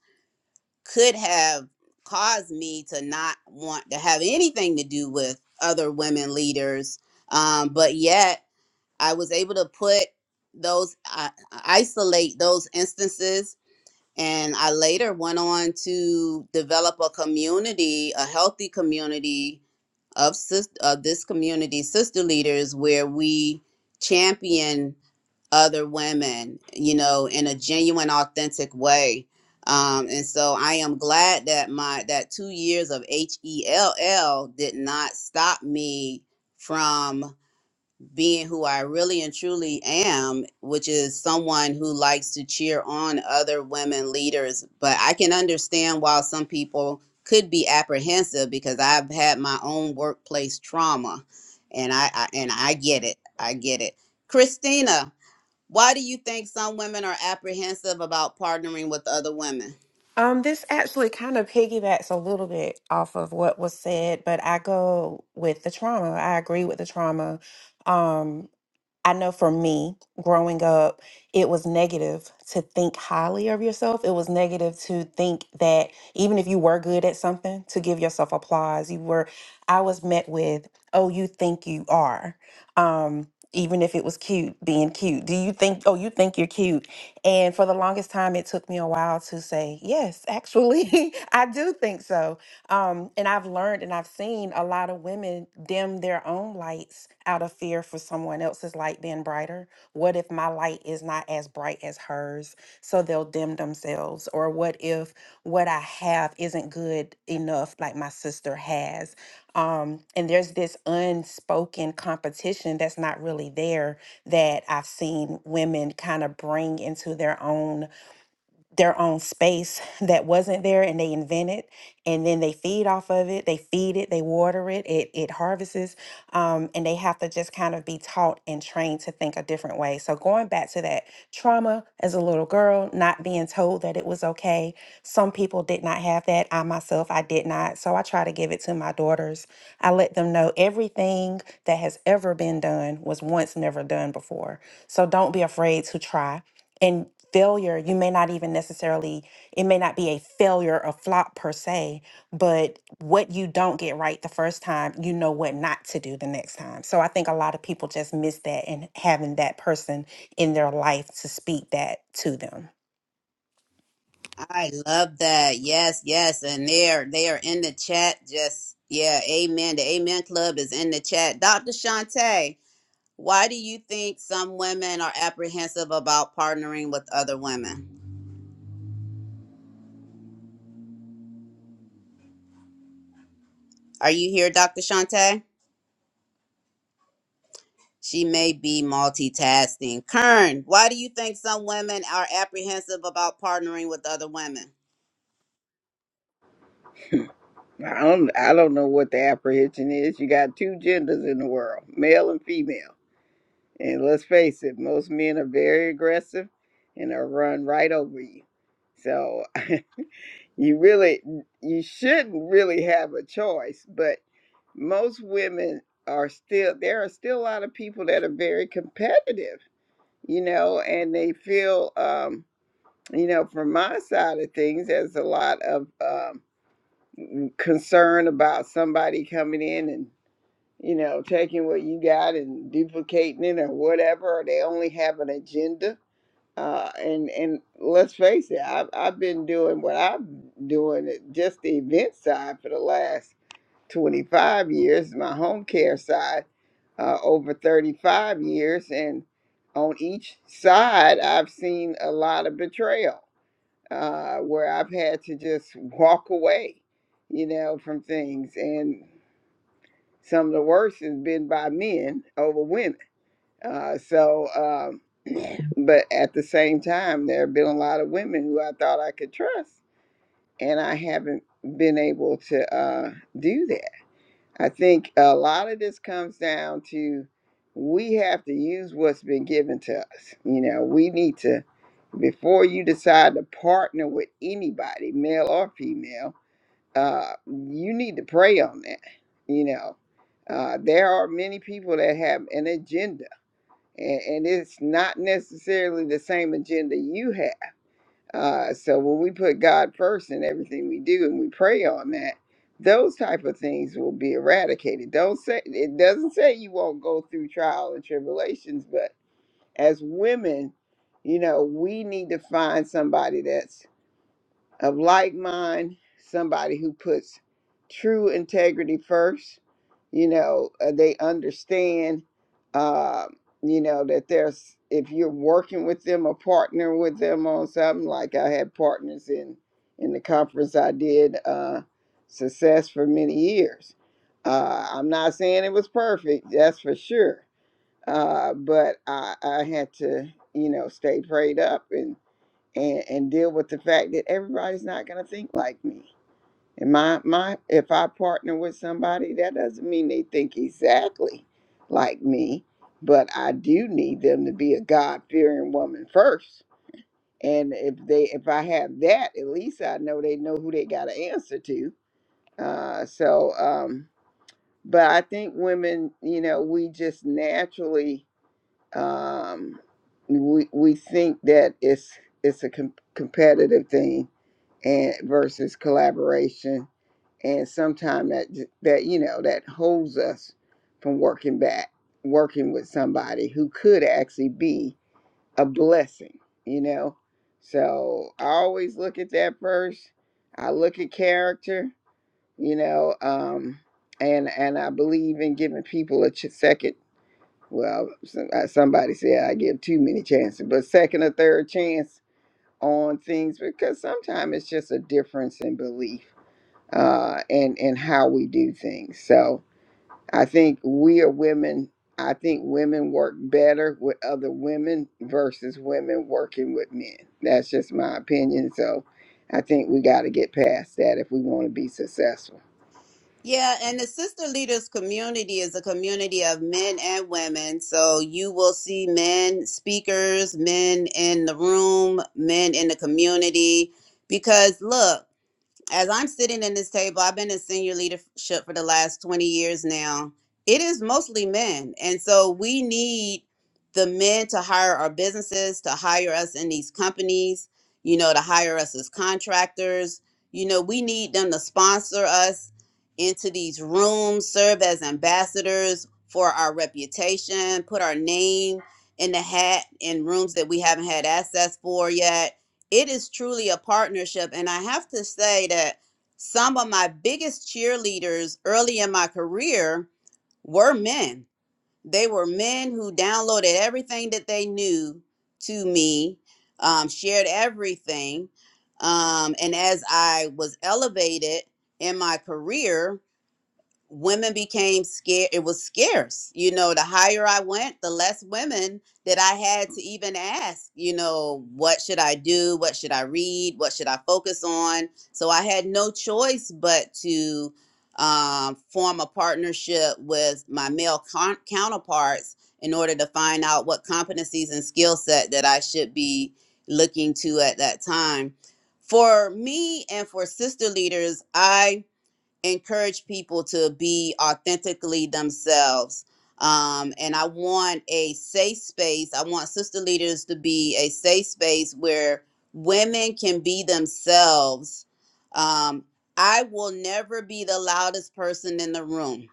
could have caused me to not want to have anything to do with other women leaders. Um, but yet, I was able to put those, I isolate those instances. And I later went on to develop a community, a healthy community of, sis, of this community, sister leaders, where we champion other women, you know, in a genuine, authentic way. Um, and so I am glad that my that two years of H E L L did not stop me from being who I really and truly am, which is someone who likes to cheer on other women leaders. But I can understand why some people could be apprehensive because I've had my own workplace trauma, and I, I and I get it. I get it. Christina, why do you think some women are apprehensive about partnering with other women?
Um, this actually kind of piggybacks a little bit off of what was said, but I go with the trauma. I agree with the trauma. Um, I know for me, growing up, it was negative to think highly of yourself. It was negative to think that even if you were good at something, to give yourself applause. You were, I was met with, oh, you think you are. Um, even if it was cute, being cute. Do you think, oh, you think you're cute? And for the longest time, it took me a while to say, yes, actually, I do think so. Um, and I've learned and I've seen a lot of women dim their own lights out of fear for someone else's light being brighter. What if my light is not as bright as hers? So they'll dim themselves. Or what if what I have isn't good enough, like my sister has? Um, and there's this unspoken competition that's not really there that I've seen women kind of bring into their own their own space that wasn't there and they invent it and then they feed off of it they feed it they water it it, it harvests um, and they have to just kind of be taught and trained to think a different way so going back to that trauma as a little girl not being told that it was okay some people did not have that i myself i did not so i try to give it to my daughters i let them know everything that has ever been done was once never done before so don't be afraid to try and failure you may not even necessarily it may not be a failure or flop per se but what you don't get right the first time you know what not to do the next time so i think a lot of people just miss that and having that person in their life to speak that to them
I love that. Yes, yes, and they're they are in the chat. Just yeah, amen. The Amen Club is in the chat. Dr. Shantae, Why do you think some women are apprehensive about partnering with other women? Are you here, Dr. Shante? She may be multitasking. Kern, why do you think some women are apprehensive about partnering with other women?
I don't, I don't know what the apprehension is. You got two genders in the world, male and female. And let's face it, most men are very aggressive and they'll run right over you. So You really, you shouldn't really have a choice, but most women are still, there are still a lot of people that are very competitive, you know, and they feel, um, you know, from my side of things, there's a lot of um, concern about somebody coming in and, you know, taking what you got and duplicating it or whatever, or they only have an agenda uh, and and let's face it, I've I've been doing what I'm doing at just the event side for the last 25 years, my home care side uh, over 35 years, and on each side, I've seen a lot of betrayal uh, where I've had to just walk away, you know, from things, and some of the worst has been by men over women. Uh, so. um, but at the same time, there have been a lot of women who I thought I could trust, and I haven't been able to uh, do that. I think a lot of this comes down to we have to use what's been given to us. You know, we need to, before you decide to partner with anybody, male or female, uh, you need to pray on that. You know, uh, there are many people that have an agenda and, and it's not necessarily the same agenda you have. Uh, so when we put God first in everything we do and we pray on that, those type of things will be eradicated. Don't say it doesn't say you won't go through trial and tribulations, but as women, you know, we need to find somebody that's of like mind, somebody who puts true integrity first. You know, uh, they understand, uh, you know, that there's, if you're working with them or partner with them on something, like I had partners in, in the conference I did, uh, success for many years. Uh, I'm not saying it was perfect, that's for sure. Uh, but I, I had to, you know, stay prayed up and and, and deal with the fact that everybody's not going to think like me. And my my if I partner with somebody, that doesn't mean they think exactly like me, but I do need them to be a God fearing woman first. And if they if I have that, at least I know they know who they got to answer to. Uh, so, um, but I think women, you know, we just naturally um, we we think that it's it's a com- competitive thing and versus collaboration and sometimes that that you know that holds us from working back working with somebody who could actually be a blessing you know so i always look at that first i look at character you know um and and i believe in giving people a ch- second well some- uh, somebody said i give too many chances but second or third chance on things because sometimes it's just a difference in belief uh, and and how we do things. So I think we are women. I think women work better with other women versus women working with men. That's just my opinion. So I think we got to get past that if we want to be successful.
Yeah, and the Sister Leaders community is a community of men and women. So you will see men speakers, men in the room, men in the community. Because look, as I'm sitting in this table, I've been in senior leadership for the last 20 years now. It is mostly men. And so we need the men to hire our businesses, to hire us in these companies, you know, to hire us as contractors. You know, we need them to sponsor us into these rooms, serve as ambassadors for our reputation, put our name in the hat in rooms that we haven't had access for yet it is truly a partnership. And I have to say that some of my biggest cheerleaders early in my career were men. They were men who downloaded everything that they knew to me, um, shared everything. Um, and as I was elevated in my career, women became scared it was scarce you know the higher i went the less women that i had to even ask you know what should i do what should i read what should i focus on so i had no choice but to um, form a partnership with my male con- counterparts in order to find out what competencies and skill set that i should be looking to at that time for me and for sister leaders i encourage people to be authentically themselves. Um, and I want a safe space. I want sister leaders to be a safe space where women can be themselves. Um, I will never be the loudest person in the room.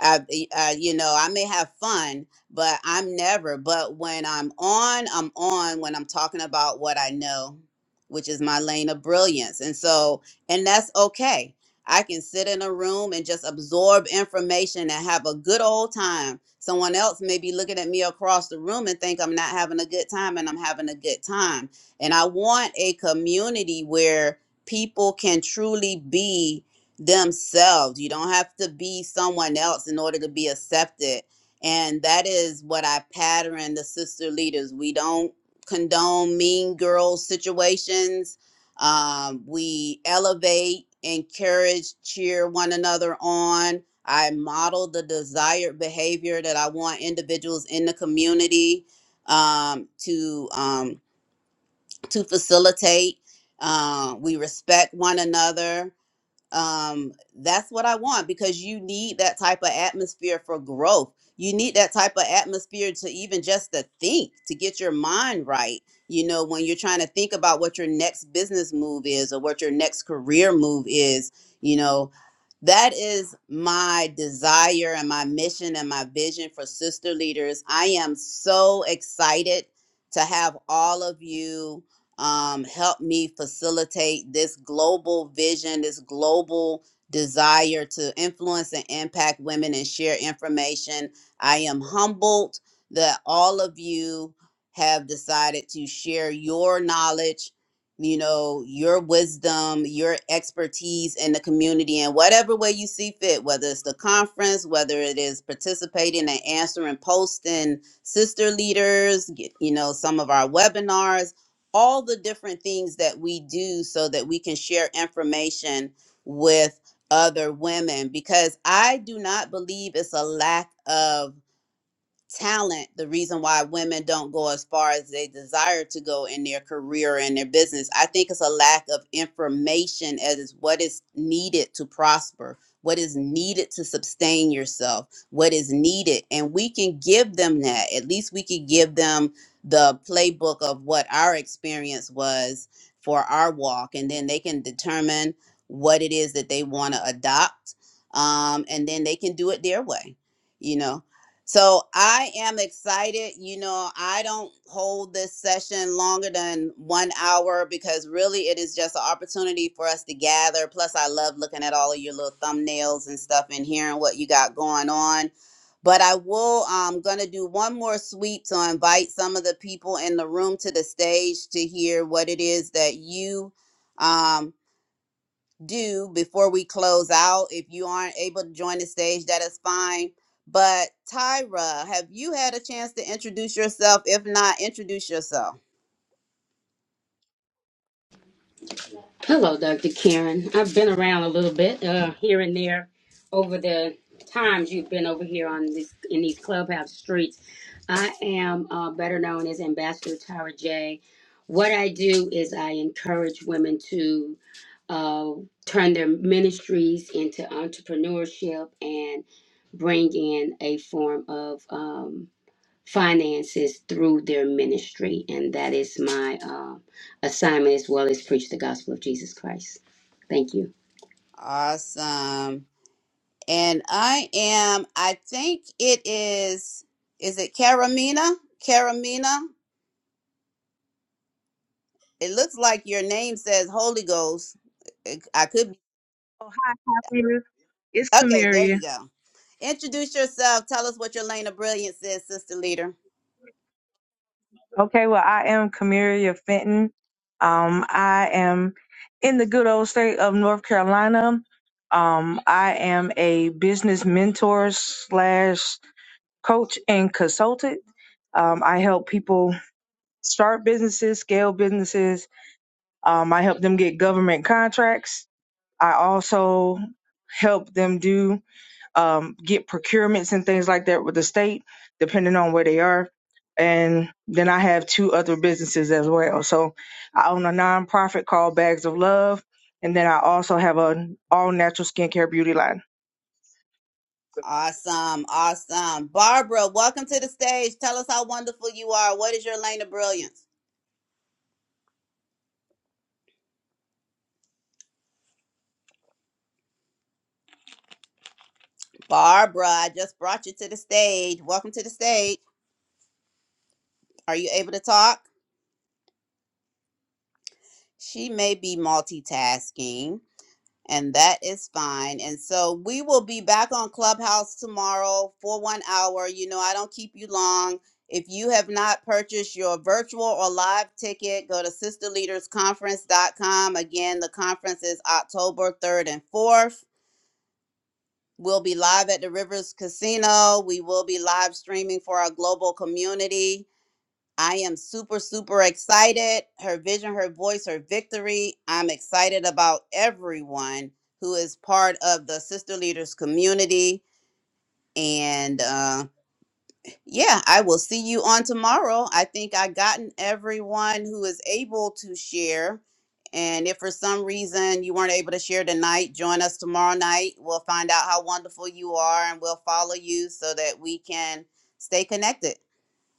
I, uh, you know, I may have fun, but I'm never. But when I'm on, I'm on when I'm talking about what I know, which is my lane of brilliance. And so, and that's okay. I can sit in a room and just absorb information and have a good old time. Someone else may be looking at me across the room and think I'm not having a good time, and I'm having a good time. And I want a community where people can truly be themselves. You don't have to be someone else in order to be accepted. And that is what I pattern the sister leaders. We don't condone mean girl situations. Um, we elevate, encourage, cheer one another on. I model the desired behavior that I want individuals in the community um, to um, to facilitate. Uh, we respect one another um, that's what I want because you need that type of atmosphere for growth. You need that type of atmosphere to even just to think, to get your mind right. You know, when you're trying to think about what your next business move is or what your next career move is, you know, that is my desire and my mission and my vision for sister leaders. I am so excited to have all of you um, help me facilitate this global vision, this global desire to influence and impact women and share information. I am humbled that all of you have decided to share your knowledge, you know, your wisdom, your expertise in the community in whatever way you see fit, whether it's the conference, whether it is participating and answering posting sister leaders, get- you know, some of our webinars all the different things that we do so that we can share information with other women because I do not believe it's a lack of talent the reason why women don't go as far as they desire to go in their career and their business i think it's a lack of information as what is needed to prosper what is needed to sustain yourself what is needed and we can give them that at least we could give them the playbook of what our experience was for our walk and then they can determine what it is that they want to adopt um, and then they can do it their way you know so I am excited. You know, I don't hold this session longer than one hour because really it is just an opportunity for us to gather. Plus, I love looking at all of your little thumbnails and stuff and hearing what you got going on. But I will, I'm going to do one more sweep to invite some of the people in the room to the stage to hear what it is that you. um do before we close out. If you aren't able to join the stage, that is fine. But Tyra, have you had a chance to introduce yourself? If not, introduce yourself.
Hello, Dr. Karen. I've been around a little bit, uh, here and there, over the times you've been over here on this in these clubhouse streets. I am uh, better known as Ambassador Tara J. What I do is I encourage women to uh, turn their ministries into entrepreneurship and bring in a form of um, finances through their ministry and that is my um assignment as well as preach the gospel of jesus christ thank you
Awesome. And I am, I think it is, is it Karamina? Karamina? It looks like your name says Holy Ghost. It- I could be.
Oh, hi, Kamiria. It's
Okay, there
Kamiria.
you go. Introduce yourself. Tell us what your lane of brilliance is, Sister Leader.
Okay, well, I am Kamiria Fenton. Um, I am in the good old state of North Carolina. Um, I am a business mentor slash coach and consultant. Um, I help people start businesses, scale businesses. Um, I help them get government contracts. I also help them do um, get procurements and things like that with the state, depending on where they are. And then I have two other businesses as well. So I own a nonprofit called Bags of Love, and then I also have an all natural skincare beauty line.
Awesome, awesome. Barbara, welcome to the stage. Tell us how wonderful you are. What is your lane of brilliance? Barbara, I just brought you to the stage. Welcome to the stage. Are you able to talk? She may be multitasking, and that is fine. And so we will be back on Clubhouse tomorrow for one hour. You know, I don't keep you long. If you have not purchased your virtual or live ticket, go to sisterleadersconference.com. Again, the conference is October 3rd and 4th. We'll be live at the Rivers Casino. We will be live streaming for our global community. I am super, super excited. Her vision, her voice, her victory. I'm excited about everyone who is part of the Sister Leaders community. And uh, yeah, I will see you on tomorrow. I think I gotten everyone who is able to share. And if for some reason you weren't able to share tonight, join us tomorrow night. We'll find out how wonderful you are and we'll follow you so that we can stay connected.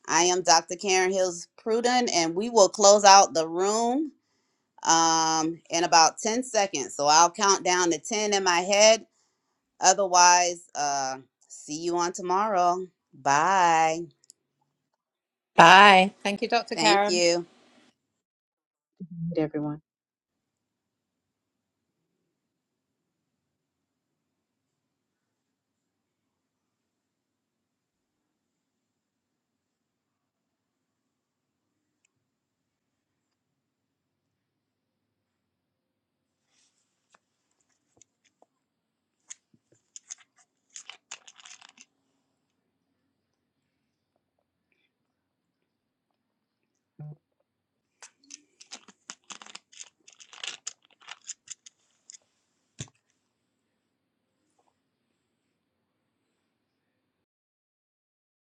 I am Dr. Karen Hills Pruden, and we will close out the room um, in about 10 seconds. So I'll count down to 10 in my head. Otherwise, uh, see you on tomorrow. Bye.
Bye. Thank you, Dr.
Thank
Karen.
you.
Everyone.